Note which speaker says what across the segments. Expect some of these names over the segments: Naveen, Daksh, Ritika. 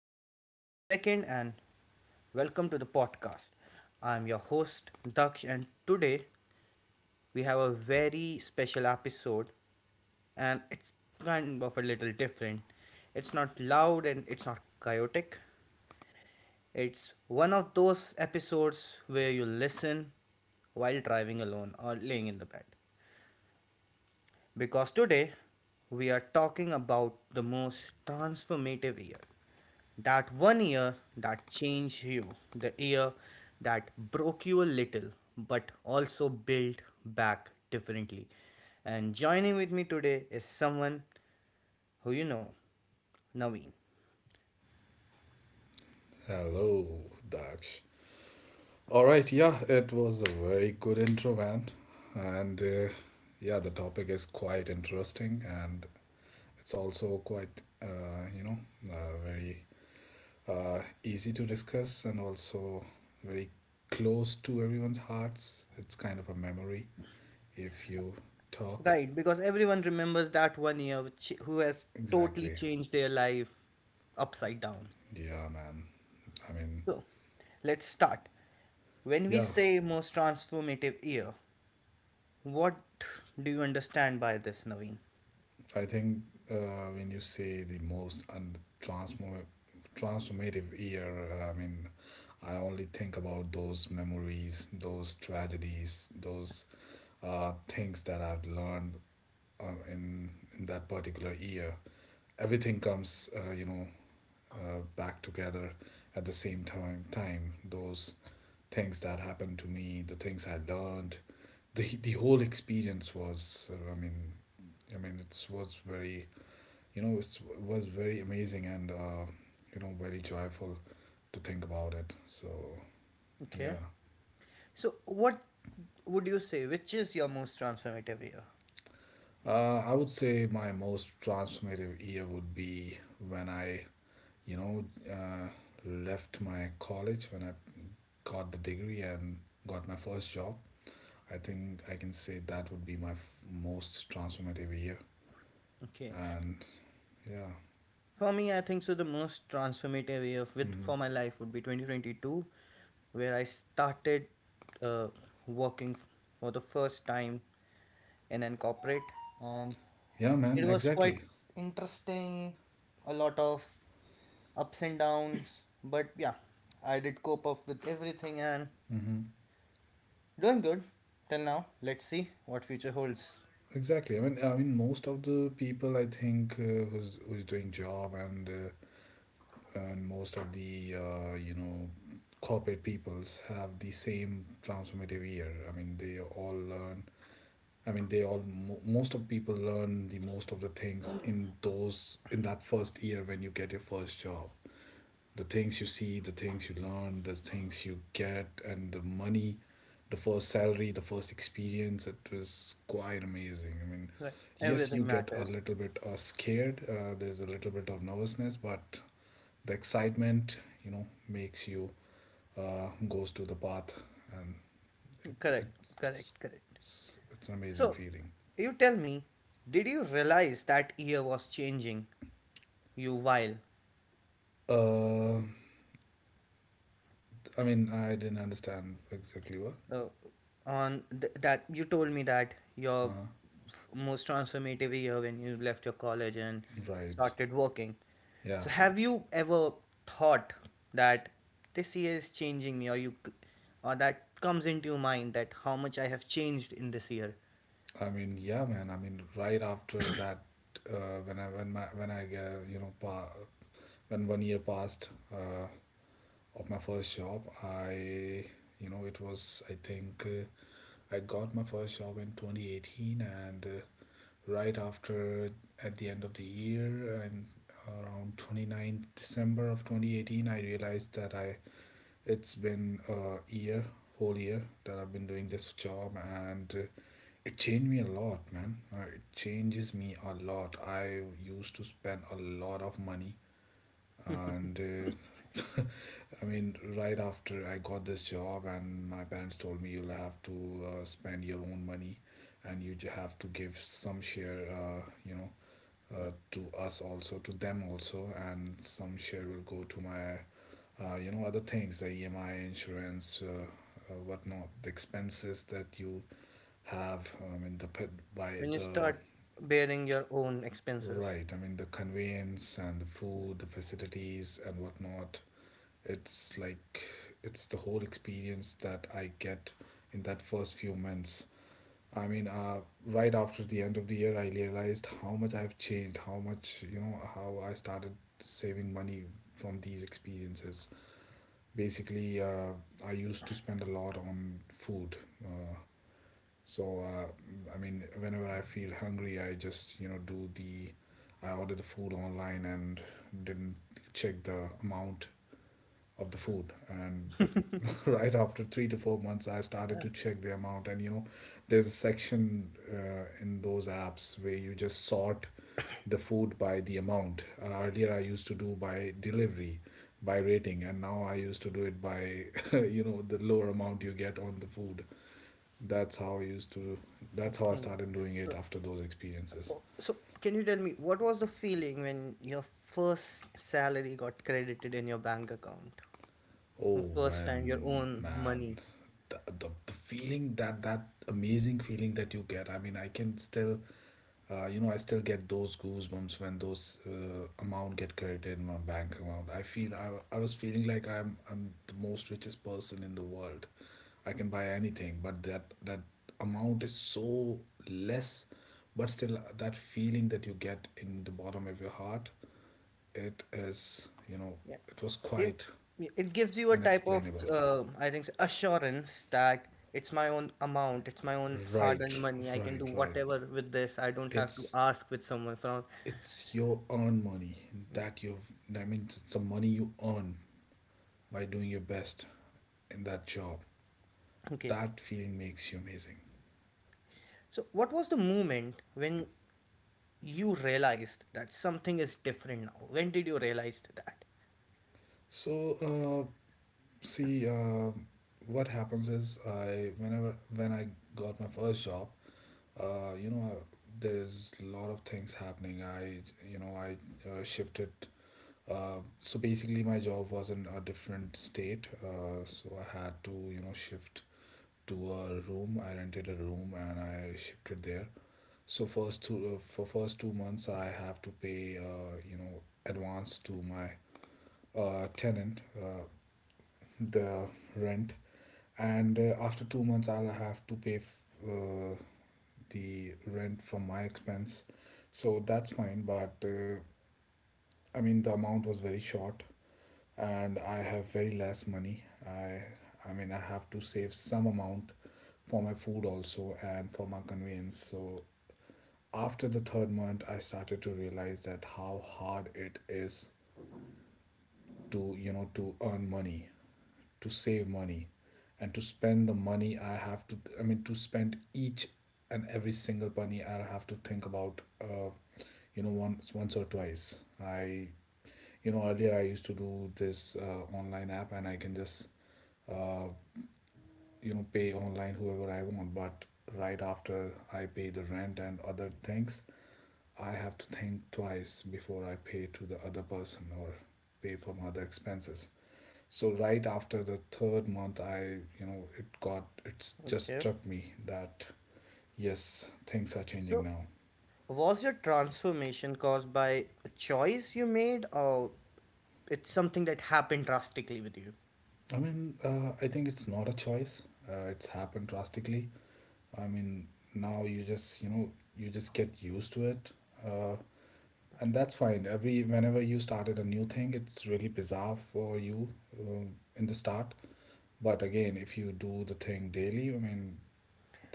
Speaker 1: with me for a second and welcome to the podcast. I'm your host, Daksh, and today we have a very special episode and it's kind of a little different. It's not loud and it's not chaotic. It's one of those episodes where you listen while driving alone or laying in the bed. Because today we are talking about the most transformative year. That one year that changed you, the year that broke you a little but also built back differently. And joining with me today is someone who you know, Naveen.
Speaker 2: Hello, Daksh. All right, yeah, it was a very good intro, man. And yeah, the topic is quite interesting and it's also quite, very easy to discuss and also very close to everyone's hearts. It's kind of a memory if you talk.
Speaker 1: Right, because everyone remembers that one year who has totally
Speaker 2: Exactly.
Speaker 1: changed their life upside down.
Speaker 2: Yeah, man. I mean,
Speaker 1: So, let's start. When we
Speaker 2: yeah,
Speaker 1: say most transformative year, what do you understand by this, Naveen?
Speaker 2: I think when you say the most transformative year, I mean, I only think about those memories, those tragedies, those things that I've learned uh, in in that particular year. Everything comes, back together at the same time. Time those things that happened to me, the things I learned, the whole experience was, I mean, it was very it was very amazing and you know very joyful to think about it so
Speaker 1: Okay.
Speaker 2: yeah.
Speaker 1: So, what would you say? Which is your most transformative year?
Speaker 2: I would say my most transformative year would be when I you know uh, left my college, when I got the degree and got my first job. I think I can say that would be my most transformative year
Speaker 1: Okay.
Speaker 2: and yeah.
Speaker 1: For me, I think so. The most transformative year with
Speaker 2: Hmm.
Speaker 1: for my life would be 2022, where I started uh, working for the first time in an corporate, and
Speaker 2: Yeah, man,
Speaker 1: it was
Speaker 2: exactly.
Speaker 1: quite interesting. A lot of ups and downs. But yeah, I did cope up with everything and
Speaker 2: Hmm.
Speaker 1: doing good till now. Let's see what future holds.
Speaker 2: Exactly. Most of the people, I think, who's doing job, and most of the corporate peoples have the same transformative year. I mean, they all learn. I mean, they all most of people learn the most of the things in those in that first year when you get your first job. The things you see, the things you learn, the things you get, and the money, the first salary, the first experience. It was quite amazing. I mean,
Speaker 1: Right.
Speaker 2: yes, you
Speaker 1: Everything
Speaker 2: get a
Speaker 1: matters.
Speaker 2: little bit scared. There's a little bit of nervousness, but the excitement, you know, makes you goes to the path, and it, it
Speaker 1: Correct.
Speaker 2: it's
Speaker 1: Correct, correct.
Speaker 2: it's it's an amazing
Speaker 1: So,
Speaker 2: feeling.
Speaker 1: you tell me, did you realize that year was changing you while
Speaker 2: Uh, I mean, I didn't understand exactly what.
Speaker 1: uh, that you told me that your
Speaker 2: Uh,
Speaker 1: most transformative year when you left your college and
Speaker 2: right.
Speaker 1: started working.
Speaker 2: Yeah.
Speaker 1: So have you ever thought that this year is changing me or that comes into your mind that how much I have changed in this year
Speaker 2: I mean, yeah, man. I mean, right after that, when I when my when I get you know pa when one year passed, of my first job, I you know it was I think I got my first job in 2018, and right after at the end of the year and around twenty ninth December of 2018, I realized that I it's been a year, whole year, that I've been doing this job. And, it changed me a lot, man. It changes me a lot. I used to spend a lot of money, and I mean, right after I got this job, and my parents told me you'll have to spend your own money, and you have to give some share, to us also, to them also, and some share will go to my, other things, the EMI, insurance, whatnot, the expenses that you have. I mean the by
Speaker 1: when you
Speaker 2: the
Speaker 1: start bearing your own expenses?
Speaker 2: right. I mean the conveyance and the food, the facilities and whatnot. It's like it's the whole experience that I get in that first few months. I mean, right after the end of the year, I realized how much I've changed, how much, you know, how I started saving money from these experiences. Basically, I used to spend a lot on food. Uh, So uh, I mean, whenever I feel hungry, I just you know do the I order the food online and didn't check the amount of the food. And right after 3 to 4 months, I started
Speaker 1: Yeah.
Speaker 2: to check the amount. And you know, there's a section in those apps where you just sort the food by the amount. Earlier, I used to do by delivery, by rating, and now I used to do it by you know the lower amount you get on the food. That's how I used to. That's how I
Speaker 1: Mhm.
Speaker 2: started doing it
Speaker 1: So,
Speaker 2: after those experiences.
Speaker 1: so can you tell me what was the feeling when your first salary got credited in your bank account?
Speaker 2: Oh,
Speaker 1: First time your
Speaker 2: when,
Speaker 1: own
Speaker 2: man,
Speaker 1: money.
Speaker 2: the feeling, that that amazing feeling that you get. I mean, I can still, I still get those goosebumps when those amount get credited in my bank account. I feel I was feeling like I'm the most richest person in the world. I can buy anything, but that amount is so less, but still that feeling that you get in the bottom of your heart, it is, you know,
Speaker 1: Yeah,
Speaker 2: it was
Speaker 1: you,
Speaker 2: quite
Speaker 1: it gives you a type of
Speaker 2: unexplainable.
Speaker 1: I think assurance that it's my own amount. It's my own hard-earned
Speaker 2: Right,
Speaker 1: money. I can do
Speaker 2: right, right.
Speaker 1: whatever with this. I don't have to
Speaker 2: It's
Speaker 1: ask with someone from.
Speaker 2: it's your own money that you've. That means it's the money you earn by doing your best in that job.
Speaker 1: Okay.
Speaker 2: That feeling makes you amazing.
Speaker 1: So what was the moment when you realized that something is different now? When did you realize that?
Speaker 2: So, see, uh, what happens is I whenever when I got my first job, uh, you know, I, there is a lot of things happening. I, you know, I shifted. So basically, my job was in a different state, so I had to, you know, shift to a room. I rented a room and I shifted there. So for first 2 months, I have to pay, advance to my tenant, the rent, and after 2 months, I'll have to pay uh, the rent from my expense. So that's fine, but I mean, the amount was very short and I have very less money. I mean I have to save some amount for my food also and for my convenience. So after the third month I started to realize that how hard it is to, you know, to earn money, to save money, and to spend the money. I have to, I mean, to spend each and every single penny, I'll have to think about, once, once or twice. I, you know, earlier I used to do this online app and I can just uh, pay online whoever I want. But right after I pay the rent and other things, I have to think twice before I pay to the other person or pay for my other expenses. So right after the third month, I, you know, it got, it's just
Speaker 1: Okay.
Speaker 2: struck me that yes, things are changing
Speaker 1: So,
Speaker 2: now.
Speaker 1: was your transformation caused by a choice you made, or it's something that happened drastically with you?
Speaker 2: I mean, I think it's not a choice. It's happened drastically. I mean, now you just, you know, you just get used to it. uh, And that's fine. Every whenever you started a new thing, it's really bizarre for you, uh, in the start. But again, if you do the thing daily, I mean,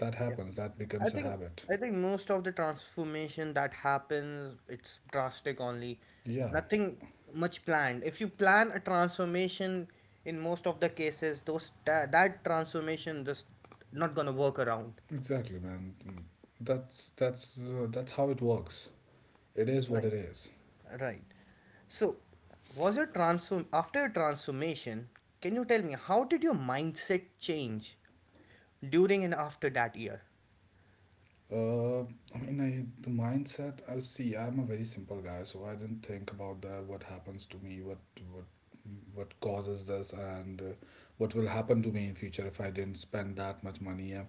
Speaker 2: that happens. That
Speaker 1: I
Speaker 2: becomes a
Speaker 1: think
Speaker 2: habit.
Speaker 1: I think most of the transformation that happens, it's drastic only.
Speaker 2: Yeah,
Speaker 1: Nothing much planned. If you plan a transformation, in most of the cases, that transformation just not gonna work around.
Speaker 2: exactly, man. Mm. That's how it works. It is what
Speaker 1: Right.
Speaker 2: it is.
Speaker 1: Right. So, was your transform after your transformation? Can you tell me how did your mindset change during and after that year?
Speaker 2: Uh, I mean, I the mindset. I see. I'm a very simple guy, so I didn't think about the what happens to me, what what causes this, and what will happen to me in future if I didn't spend that much money.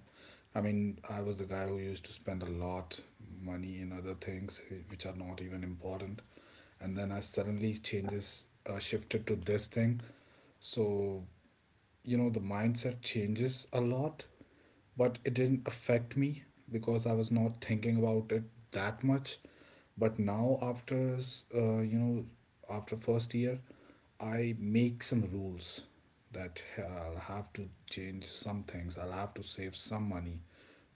Speaker 2: I mean, I was the guy who used to spend a lot money in other things which are not even important, and then I suddenly changes shifted to this thing. So you know the mindset changes a lot, but it didn't affect me because I was not thinking about it that much. But now after s- you know after first year, I make some rules that I'll have to change some things. I'll have to save some money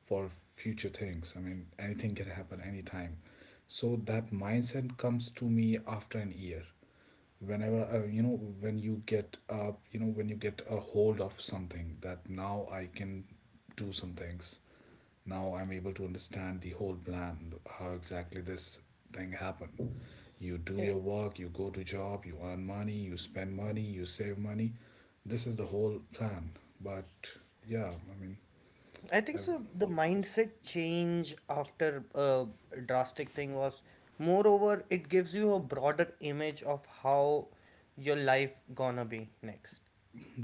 Speaker 2: for future things. I mean, anything can happen anytime. So that mindset comes to me after an year. Whenever you know, when you get you know, when you get a hold of something, that now I can do some things. Now I'm able to understand the whole plan, how exactly this thing happened. You do
Speaker 1: Yeah.
Speaker 2: your work, you go to job, you earn money, you spend money, you save money. This is the whole plan. But yeah, I mean,
Speaker 1: I think
Speaker 2: ev-
Speaker 1: so. The mindset change after a drastic thing was, moreover, it gives you a broader image of how your life gonna be next.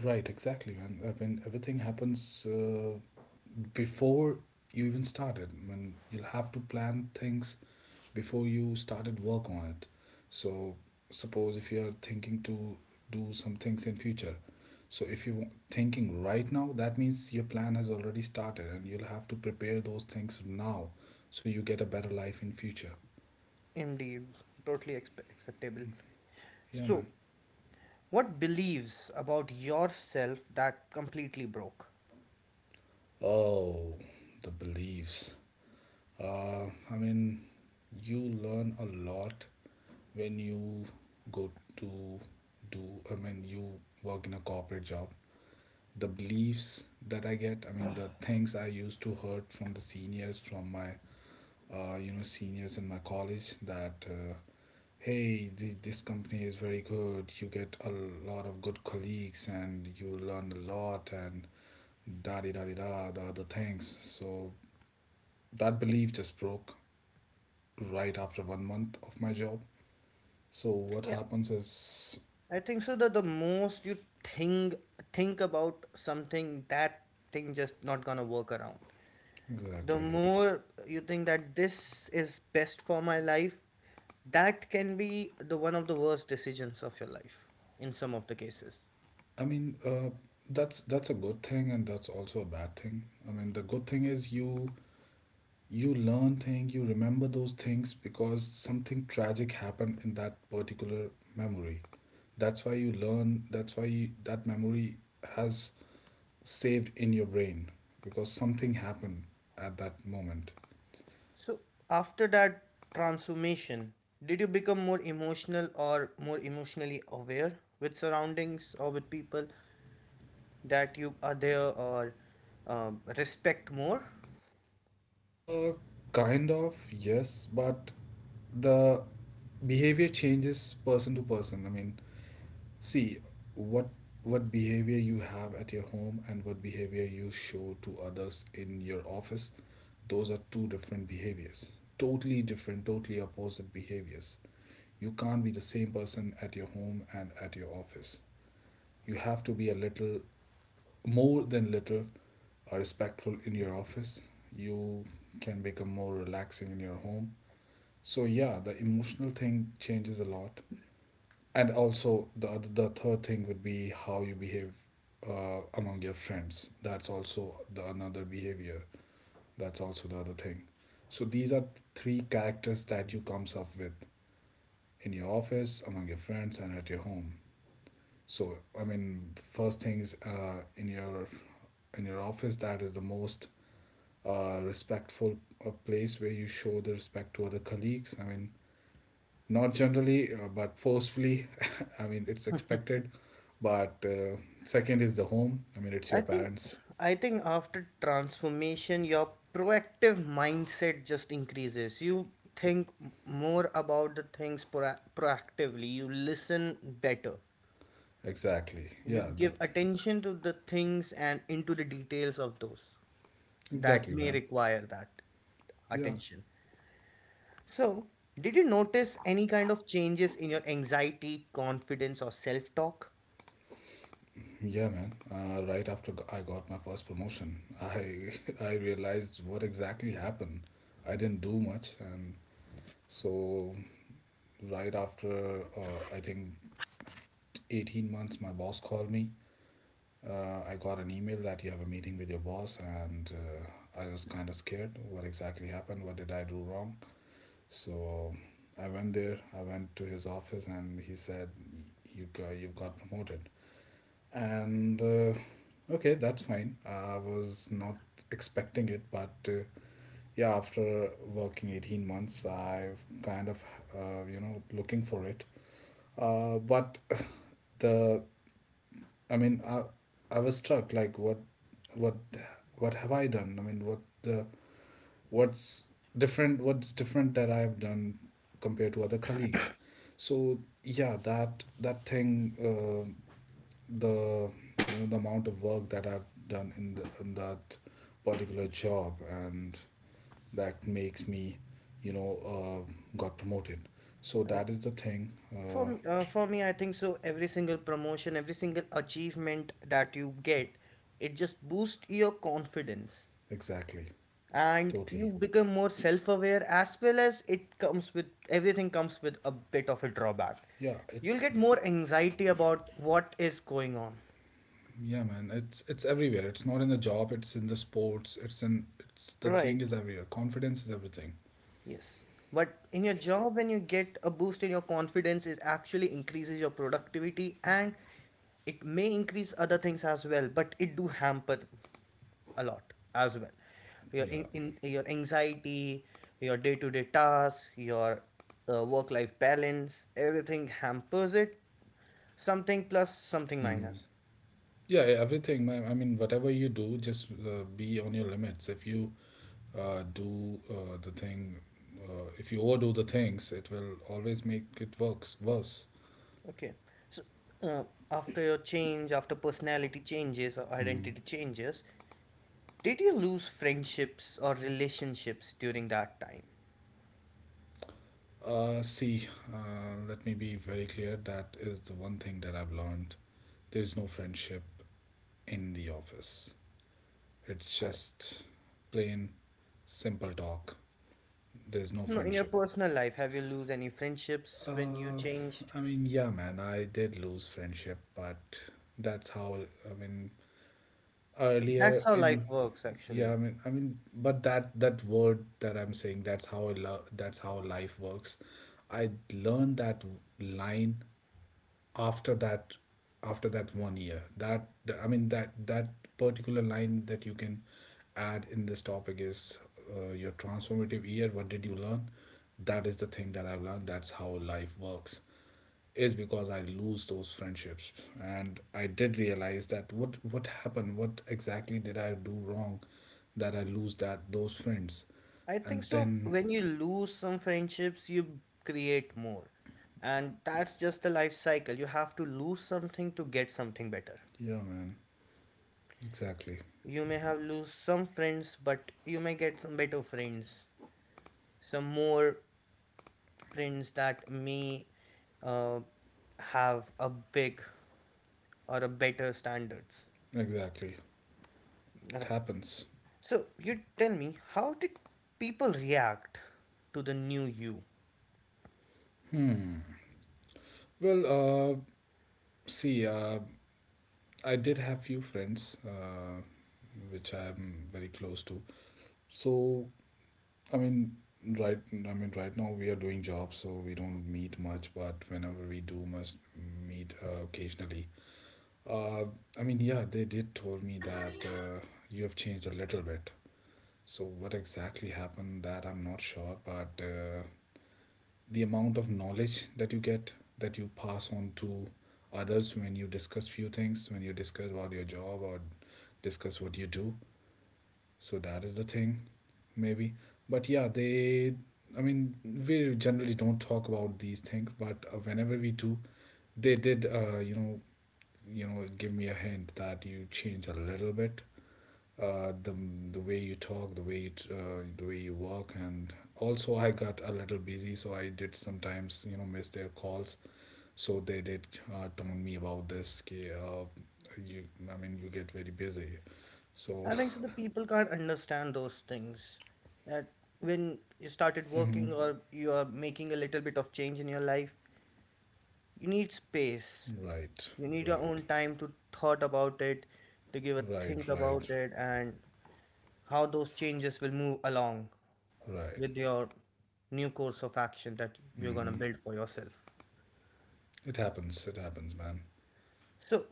Speaker 2: Right, exactly, man. I mean, everything happens before you even started. I mean, you'll have to plan things before you started work on it. So, suppose if you are thinking to do some things in future, so if you're thinking right now, that means your plan has already started, and you'll have to prepare those things now, so you get a better life in future.
Speaker 1: Indeed, totally acceptable.
Speaker 2: Yeah,
Speaker 1: So,
Speaker 2: man.
Speaker 1: what beliefs about yourself that completely broke?
Speaker 2: Oh, the beliefs. I mean, you learn a lot when you go to do, I mean, you work in a corporate job. The beliefs that I get, I mean, the things I used to heard from the seniors, from my, seniors in my college that, hey, this company is very good. You get a lot of good colleagues and you learn a lot and da di da di da, the other things. So that belief just broke right after one month of my job. So what
Speaker 1: Yeah,
Speaker 2: happens is
Speaker 1: I think so. That the most you think think about something, that thing just not gonna work around. The
Speaker 2: exactly.
Speaker 1: more you think that this is best for my life that can be the one of the worst decisions of your life in some of the cases.
Speaker 2: I mean, that's a good thing, and that's also a bad thing. I mean, the good thing is you learn things, you remember those things because something tragic happened in that particular memory. That's why you learn. That memory has saved in your brain because something happened at that moment.
Speaker 1: So after that transformation did you become more emotional or more emotionally aware with surroundings or with people that you are there or respect more?
Speaker 2: Uh, Kind of yes, but the behavior changes person to person. I mean, see, what what behavior you have at your home and what behavior you show to others in your office, those are two different behaviors, totally different, totally opposite behaviors. You can't be the same person at your home and at your office. You have to be a little, more than little, respectful in your office. You can become more relaxing in your home. So yeah, the emotional thing changes a lot. And also the other, the third thing would be how you behave among your friends. That's also the another behavior, that's also the other thing. So these are three characters that you comes up with: in your office, among your friends, and at your home. So I mean, first thing is, in your office, that is the most respectful place where you show the respect to other colleagues. I mean, not generally, but forcefully. I mean, it's expected, but second is the home. I mean, it's
Speaker 1: I
Speaker 2: your
Speaker 1: think
Speaker 2: parents.
Speaker 1: I think after transformation your proactive mindset just increases. You think more about the things proactively. You listen better.
Speaker 2: Exactly,
Speaker 1: You
Speaker 2: yeah, the,
Speaker 1: give attention to the things and into the details of those that
Speaker 2: exactly,
Speaker 1: may
Speaker 2: man,
Speaker 1: require that
Speaker 2: yeah.
Speaker 1: attention. So, did you notice any kind of changes in your anxiety, confidence or self-talk?
Speaker 2: Yeah, man, right after I got my first promotion, I I realized what exactly happened. I didn't do much. And so right after, I think 18 months, my boss called me. I got an email that you have a meeting with your boss, and I was kind of scared. What exactly happened? What did I do wrong? So I went there. I went to his office, and he said, " you've got promoted." And okay, that's fine. I was not expecting it, but yeah, after working 18 months, I've kind of you know, looking for it. But the I mean, I was struck like what what what have I done? I mean, what's different? What's different that I have done compared to other colleagues? So yeah, that thing, the you know, the amount of work that I've done in the in that particular job, and that makes me, you know, got promoted. So
Speaker 1: Right.
Speaker 2: that is the thing.
Speaker 1: For me, I think so. Every single promotion, every single achievement that you get, it just boosts your confidence,
Speaker 2: Exactly.
Speaker 1: and you
Speaker 2: Totally.
Speaker 1: become more self-aware. As well as it comes with everything comes with a bit of a drawback.
Speaker 2: Yeah, it.
Speaker 1: You'll get more anxiety about what is going on.
Speaker 2: Yeah, man, it's everywhere. It's not in the job. It's in the sports. It's in it's The thing
Speaker 1: Right.
Speaker 2: is everywhere. Confidence is everything.
Speaker 1: Yes. But in your job, when you get a boost in your confidence, it actually increases your productivity and it may increase other things as well, but it do hamper a lot as well. Your
Speaker 2: Yeah.
Speaker 1: in your anxiety, your day-to-day tasks, your work-life balance, everything hampers it. Something plus, something
Speaker 2: Hmm.
Speaker 1: minus.
Speaker 2: Yeah, yeah, everything, man. I mean, whatever you do, just be on your limits. If you do the thing, if you overdo the things, it will always make it works worse.
Speaker 1: Okay. So uh, after your change, after personality changes or
Speaker 2: Hmm.
Speaker 1: identity changes, did you lose friendships or relationships during that time?
Speaker 2: See, let me be very clear. That is the one thing that I've learned. There's no friendship in the office. It's
Speaker 1: Correct.
Speaker 2: just plain, simple talk. There's no
Speaker 1: No, in your
Speaker 2: friendship.
Speaker 1: personal life, have you lose any friendships when you
Speaker 2: Uh,
Speaker 1: changed?
Speaker 2: I mean, yeah, man, I did lose friendship, but that's how. I mean,
Speaker 1: That's
Speaker 2: earlier
Speaker 1: how
Speaker 2: in,
Speaker 1: life works,
Speaker 2: yeah, I
Speaker 1: actually.
Speaker 2: mean, I mean, but that that word that I'm saying, that's how I love. That's how life works. I learned that line after that, after that one year. That, I mean, that particular line that you can add in this topic is, your transformative year, what did you learn? That is the thing that I've learned: that's how life works. Is because I lose those friendships, and I did realize that what happened. What exactly did I do wrong that I lose that those friends?
Speaker 1: I
Speaker 2: And
Speaker 1: think so.
Speaker 2: then
Speaker 1: When you lose some friendships, you create more. And that's just the life cycle. You have to lose something to get something better.
Speaker 2: yeah, man, exactly,
Speaker 1: You may have lose some friends, but you may get some better friends, some more friends that may uh, have a big or a better standards.
Speaker 2: exactly, it
Speaker 1: Right.
Speaker 2: happens.
Speaker 1: So you tell me, how did people react to the new you?
Speaker 2: Hmm. Well, uh, see, I did have few friends, which I am very close to. So, I mean, right, I mean, right now we are doing jobs, so we don't meet much. But whenever we do, must meet occasionally. Uh, I mean, yeah, they did told me that you have changed a little bit. So, what exactly happened? That I'm not sure, but the amount of knowledge that you get, that you pass on to others when you discuss few things, when you discuss about your job or discuss what you do, so that is the thing, maybe. But yeah, they, I mean, we generally don't talk about these things, but whenever we do, they did, you know, give me a hint that you change a little bit. Uh, the the way you talk, the way you the way you work. And also I got a little busy, so I did sometimes, you know, miss their calls. So they did taunt me about this. Ki, you, I mean, you get very busy. So,
Speaker 1: I think so the people can't understand those things. That when you started
Speaker 2: hmm,
Speaker 1: working or you are making a little bit of change in your life, you need space.
Speaker 2: right,
Speaker 1: You need your
Speaker 2: right,
Speaker 1: own time to thought about it, to give a think
Speaker 2: right, right,
Speaker 1: about it and how those changes will move along
Speaker 2: right.
Speaker 1: with your new course of action that you're gonna
Speaker 2: Hmm.
Speaker 1: build for yourself.
Speaker 2: It happens. It happens, man.
Speaker 1: So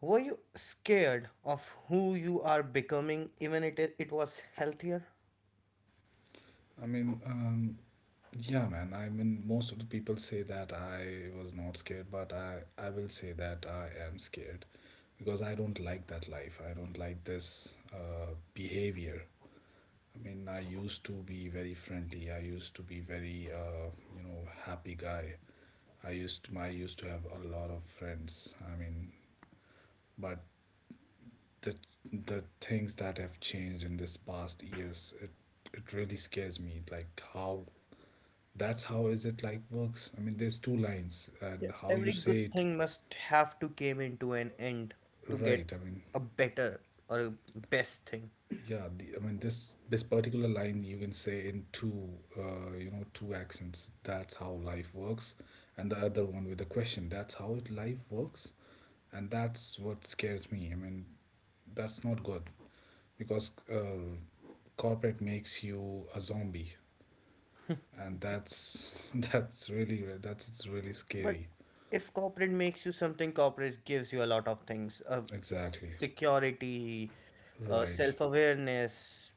Speaker 1: were you scared of who you are becoming even it was healthier?
Speaker 2: I mean, yeah, man. I mean, most of the people say that I was not scared, but I will say that I am scared because I don't like that life. I don't like this behavior. I mean, I used to be very friendly. I used to be very, happy guy. I used to have a lot of friends. I mean, but the the things that have changed in this past years, it really scares me. Like how, that's how is it like works. I mean, there's two lines, and
Speaker 1: Yeah,
Speaker 2: how you
Speaker 1: every
Speaker 2: say
Speaker 1: good
Speaker 2: it,
Speaker 1: thing must have to came into an end to get
Speaker 2: right? I mean,
Speaker 1: a better or a best thing.
Speaker 2: yeah, the, I mean, this particular line you can say in two, two accents. That's how life works, and the other one with the question. That's how it life works, and that's what scares me. I mean, that's not good, because corporate makes you a zombie, and that's that's really that's it's really
Speaker 1: But
Speaker 2: scary.
Speaker 1: if corporate makes you something, corporate gives you a lot of things,
Speaker 2: Exactly.
Speaker 1: security,
Speaker 2: Right.
Speaker 1: self-awareness,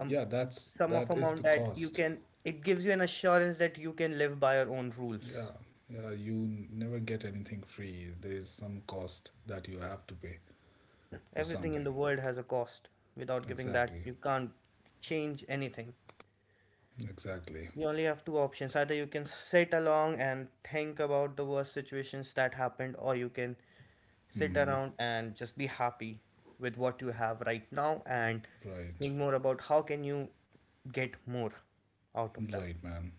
Speaker 1: um,
Speaker 2: Yeah, that's
Speaker 1: some of
Speaker 2: that is the
Speaker 1: amount that
Speaker 2: cost.
Speaker 1: it gives you an assurance that you can live by your own rules.
Speaker 2: Yeah, yeah, you never get anything free. There is some cost that you have to pay for
Speaker 1: Everything in the
Speaker 2: something.
Speaker 1: world has a cost. Without giving that,
Speaker 2: Exactly,
Speaker 1: you can't change anything.
Speaker 2: exactly.
Speaker 1: You only have two options. Either you can sit along and think about the worst situations that happened, or you can sit
Speaker 2: Hmm.
Speaker 1: around and just be happy with what you have right now and
Speaker 2: Right,
Speaker 1: think more about how can you get more out of that.
Speaker 2: right, man.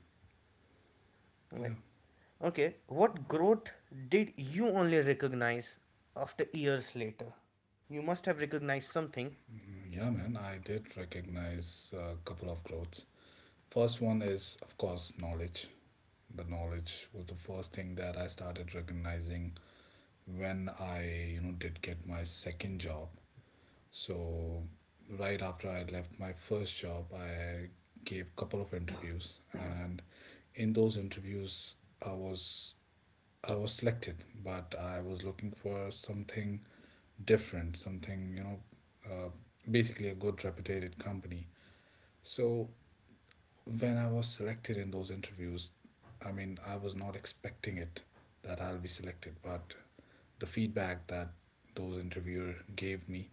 Speaker 2: Yeah.
Speaker 1: Right. Okay. What growth did you only recognize after years later? You must have recognized something.
Speaker 2: Mm, yeah, man. I did recognize a couple of growths. First one is, of course, knowledge. The knowledge was the first thing that I started recognizing when I, you know, did get my second job. So right after I left my first job, I gave a couple of interviews, and in those interviews, I was I was selected, but I was looking for something different, something, you know, uh, basically a good reputed company. So when I was selected in those interviews, I mean, I was not expecting it that I'll be selected, but the feedback that those interviewer gave me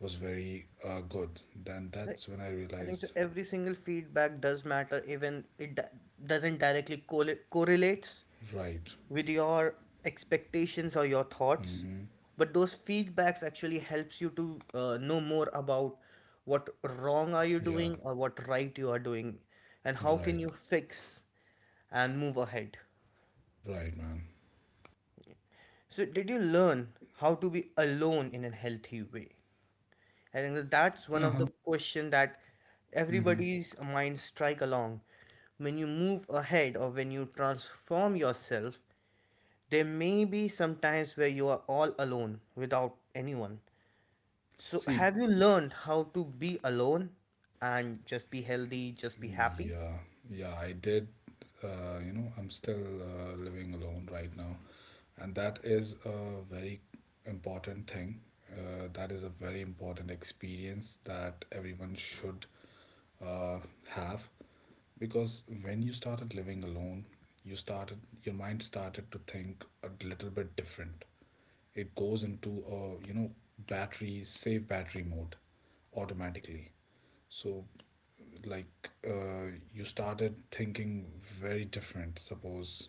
Speaker 2: was very good. Then
Speaker 1: Right?
Speaker 2: that's when I
Speaker 1: I think so.
Speaker 2: realized,
Speaker 1: Every single feedback does matter, even it doesn't directly correlates
Speaker 2: right,
Speaker 1: with your expectations or your thoughts,
Speaker 2: mm-hmm,
Speaker 1: but those feedbacks actually helps you to know more about what wrong are you
Speaker 2: yeah,
Speaker 1: doing or what right you are doing and how can
Speaker 2: right,
Speaker 1: you fix and move ahead.
Speaker 2: right, man.
Speaker 1: So did you learn how to be alone in a healthy way? I think that that's one of the
Speaker 2: Uh-huh.
Speaker 1: question that
Speaker 2: Mm-hmm.
Speaker 1: everybody's mind strike along when you move ahead or when you transform yourself. There may be some times where you are all alone without anyone. So,
Speaker 2: See,
Speaker 1: have you learned how to be alone and just be healthy, just be happy?
Speaker 2: yeah, yeah, I did. You know, I'm still living alone right now, and that is a very important thing. That is a very important experience that everyone should uh, have, because when you started living alone, your mind started to think a little bit different. It goes into a, you know, battery mode automatically. So, like, you started thinking very different. Suppose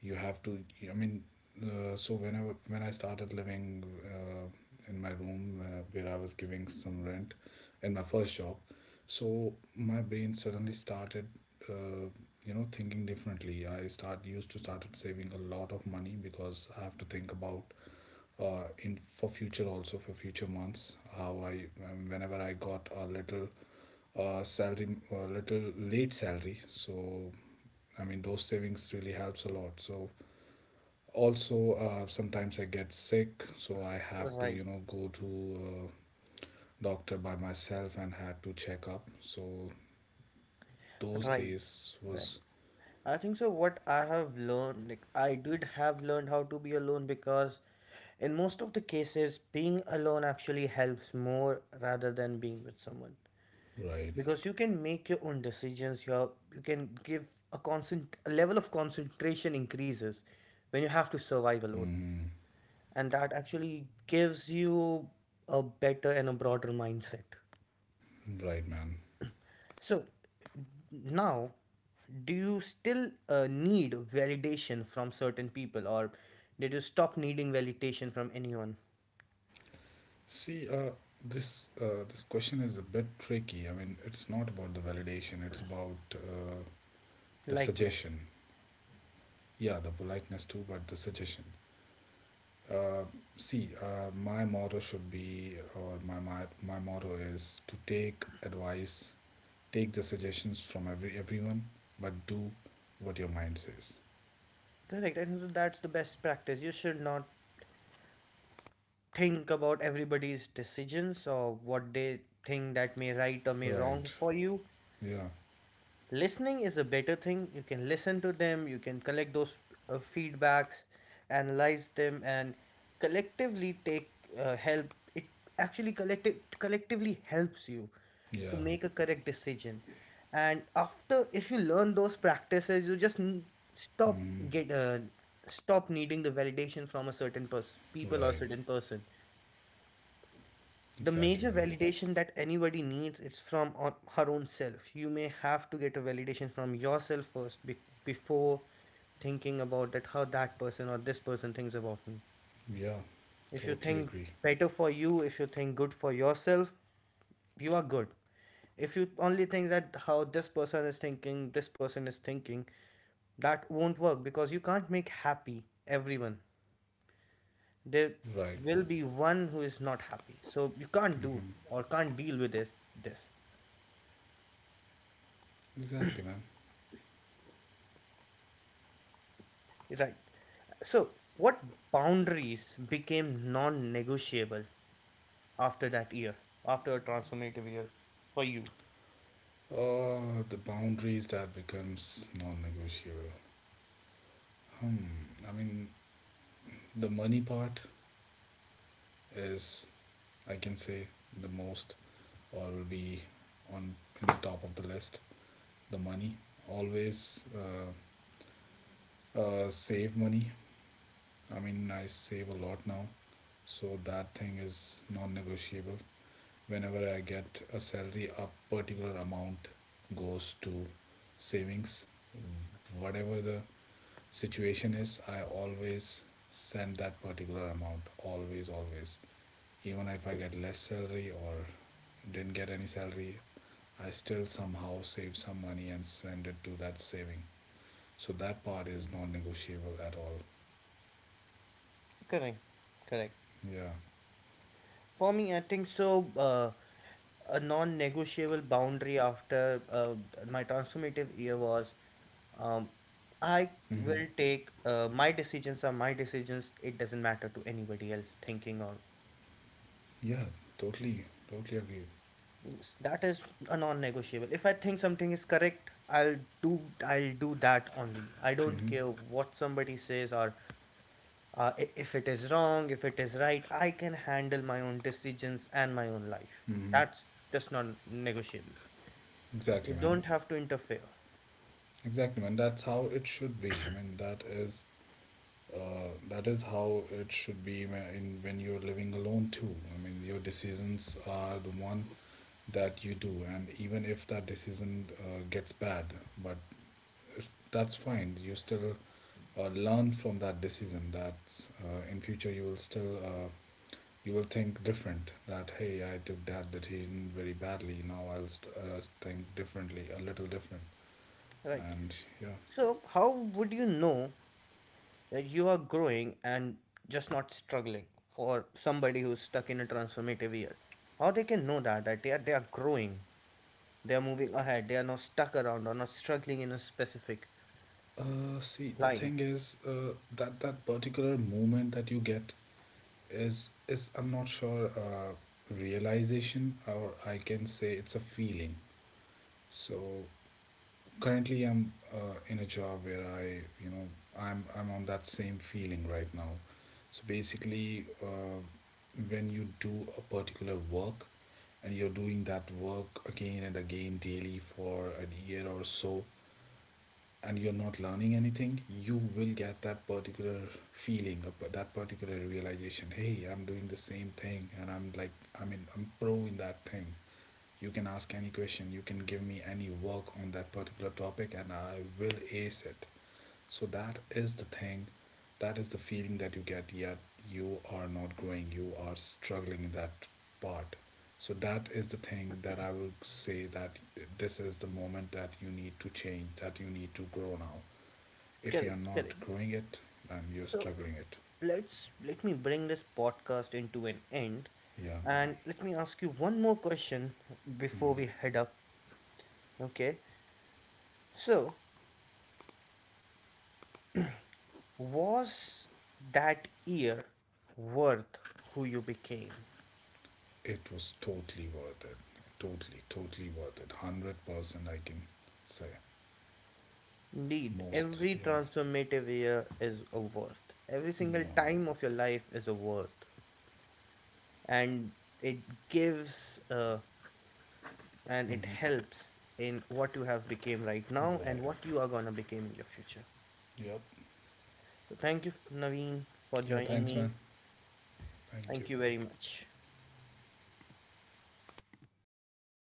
Speaker 2: you have to, I mean, so whenever, when I started living in my room, where I was giving some rent in my first job, so my brain suddenly started, uh, thinking differently. I start used to started saving a lot of money, because I have to think about, in for future, also for future months, how I, whenever I got a little salary, a little late salary. So, I mean, those savings really helps a lot. So also sometimes I get sick, so I have to,
Speaker 1: Right,
Speaker 2: you know, go to a doctor by myself and had to check up. So those
Speaker 1: right,
Speaker 2: days
Speaker 1: right.
Speaker 2: was,
Speaker 1: I think so. What I have learned, like, I did have learned how to be alone because in most of the cases, being alone actually helps more rather than being with someone.
Speaker 2: right,
Speaker 1: Because you can make your own decisions, you can give a level of concentration increases when you have to survive alone
Speaker 2: mm,
Speaker 1: and that actually gives you a better and a broader mindset.
Speaker 2: right, man.
Speaker 1: So now do you still need validation from certain people or did you stop needing validation from anyone?
Speaker 2: See, this question is a bit tricky. I mean, it's not about the validation, it's about, the
Speaker 1: Likeness.
Speaker 2: suggestion. Yeah, the politeness too, but the suggestion. Uh, see, my motto should be or my motto is to take advice, take the suggestions from everyone, but do what your mind says.
Speaker 1: Correct, and so that's the best practice. You should not think about everybody's decisions or what they think that may right or may wrong
Speaker 2: Right,
Speaker 1: for you.
Speaker 2: yeah,
Speaker 1: Listening is a better thing. You can listen to them, you can collect those feedbacks, analyze them, and collectively take help. It actually collectively helps you to
Speaker 2: yeah,
Speaker 1: make a correct decision. And after, if you learn those practices, you just stop
Speaker 2: mm,
Speaker 1: get uh, stop needing the validation from a certain person, people or
Speaker 2: right,
Speaker 1: certain person. The
Speaker 2: exactly,
Speaker 1: major
Speaker 2: man,
Speaker 1: validation that anybody needs is from on her own self. You may have to get a validation from yourself first before thinking about that how that person or this person thinks about me.
Speaker 2: yeah,
Speaker 1: If you
Speaker 2: totally
Speaker 1: think
Speaker 2: agree,
Speaker 1: better for you, if you think good for yourself, you are good. If you only think that how this person is thinking, this person is thinking, that won't work because you can't make happy everyone. There
Speaker 2: right,
Speaker 1: will be one who is not happy, so you can't do or can't deal with this.
Speaker 2: exactly, man.
Speaker 1: Right. So, what boundaries became non negotiable after that year, after a transformative year for you?
Speaker 2: Oh, the boundaries that becomes non-negotiable. Hmm, I mean, the money part is, I can say, the most, or will be on, in the top of the list. The money, always, save money. I mean, I save a lot now, so that thing is non-negotiable. Whenever I get a salary, a particular amount goes to savings. Whatever the situation is, I always send that particular amount. Always, always. Even if I get less salary or didn't get any salary, I still somehow save some money and send it to that saving. So that part is non-negotiable at all.
Speaker 1: Correct. Correct.
Speaker 2: Yeah.
Speaker 1: For me, I think so. A non negotiable boundary after my transformative year was, um, I
Speaker 2: Hmm.
Speaker 1: will take my decisions are my decisions. It doesn't matter to anybody else thinking or
Speaker 2: Yeah, totally, totally agreed.
Speaker 1: that is a non-negotiable. If I think something is correct, do I'll do that only. I don't
Speaker 2: Mm-hmm.
Speaker 1: care what somebody says or, uh, if it is wrong, if it is right, I can handle my own decisions and my own life.
Speaker 2: Mm-hmm.
Speaker 1: That's just non negotiable. You
Speaker 2: Exactly, man.
Speaker 1: don't have to interfere.
Speaker 2: Exactly, man. That's how it should be. I mean, that is how it should be whe- in when you're living alone too. I mean, your decisions are the one that you do, and even if that decision gets bad, but if, that's fine. You still learn from that decision. That in future you will still you will think different, that hey, I took that decision very badly, now I'll think differently, a little different.
Speaker 1: Right.
Speaker 2: And yeah.
Speaker 1: So how would you know that you are growing and just not struggling, or somebody who's stuck in a transformative year how they can know that they are growing? They are moving ahead. They are not stuck around or not struggling in a specific
Speaker 2: See, the
Speaker 1: line.
Speaker 2: thing is, that that particular moment that you get is, I'm not sure, realization, or I can say it's a feeling. So currently, I'm in a job where I, you know, I'm on that same feeling right now. So basically, when you do a particular work and you're doing that work again and again daily for a year or so, and you're not learning anything, you will get that particular feeling, that particular realization. Hey, I'm doing the same thing, and I'm like, I mean, I'm pro in that thing. You can ask any question, you can give me any work on that particular topic, and I will ace it. So, that is the thing, that is the feeling that you get, yet you are not growing, you are struggling in that part. So, that is the thing that I will say, that this is the moment that you need to change, that you need to grow now. If you are
Speaker 1: Correct, correct.
Speaker 2: not growing it, then you're
Speaker 1: So
Speaker 2: struggling it.
Speaker 1: let me bring this podcast into an end,
Speaker 2: Yeah, man,
Speaker 1: and let me ask you one more question before we head up. Okay. So was that year worth who you became?
Speaker 2: it was totally worth it. Totally, totally worth it. 100% I can say.
Speaker 1: Indeed,
Speaker 2: Most,
Speaker 1: every
Speaker 2: yeah.
Speaker 1: transformative year is a worth. Every
Speaker 2: Yeah,
Speaker 1: single
Speaker 2: man.
Speaker 1: time of your life is a worth, and it gives uh, and it
Speaker 2: Mm-hmm.
Speaker 1: helps in what you have became right now and
Speaker 2: Right.
Speaker 1: what you are going to become in your future.
Speaker 2: Yep.
Speaker 1: So thank you, Naveen, for
Speaker 2: Yeah,
Speaker 1: joining
Speaker 2: thanks, man.
Speaker 1: me.
Speaker 2: Thank you.
Speaker 1: Thank you very much.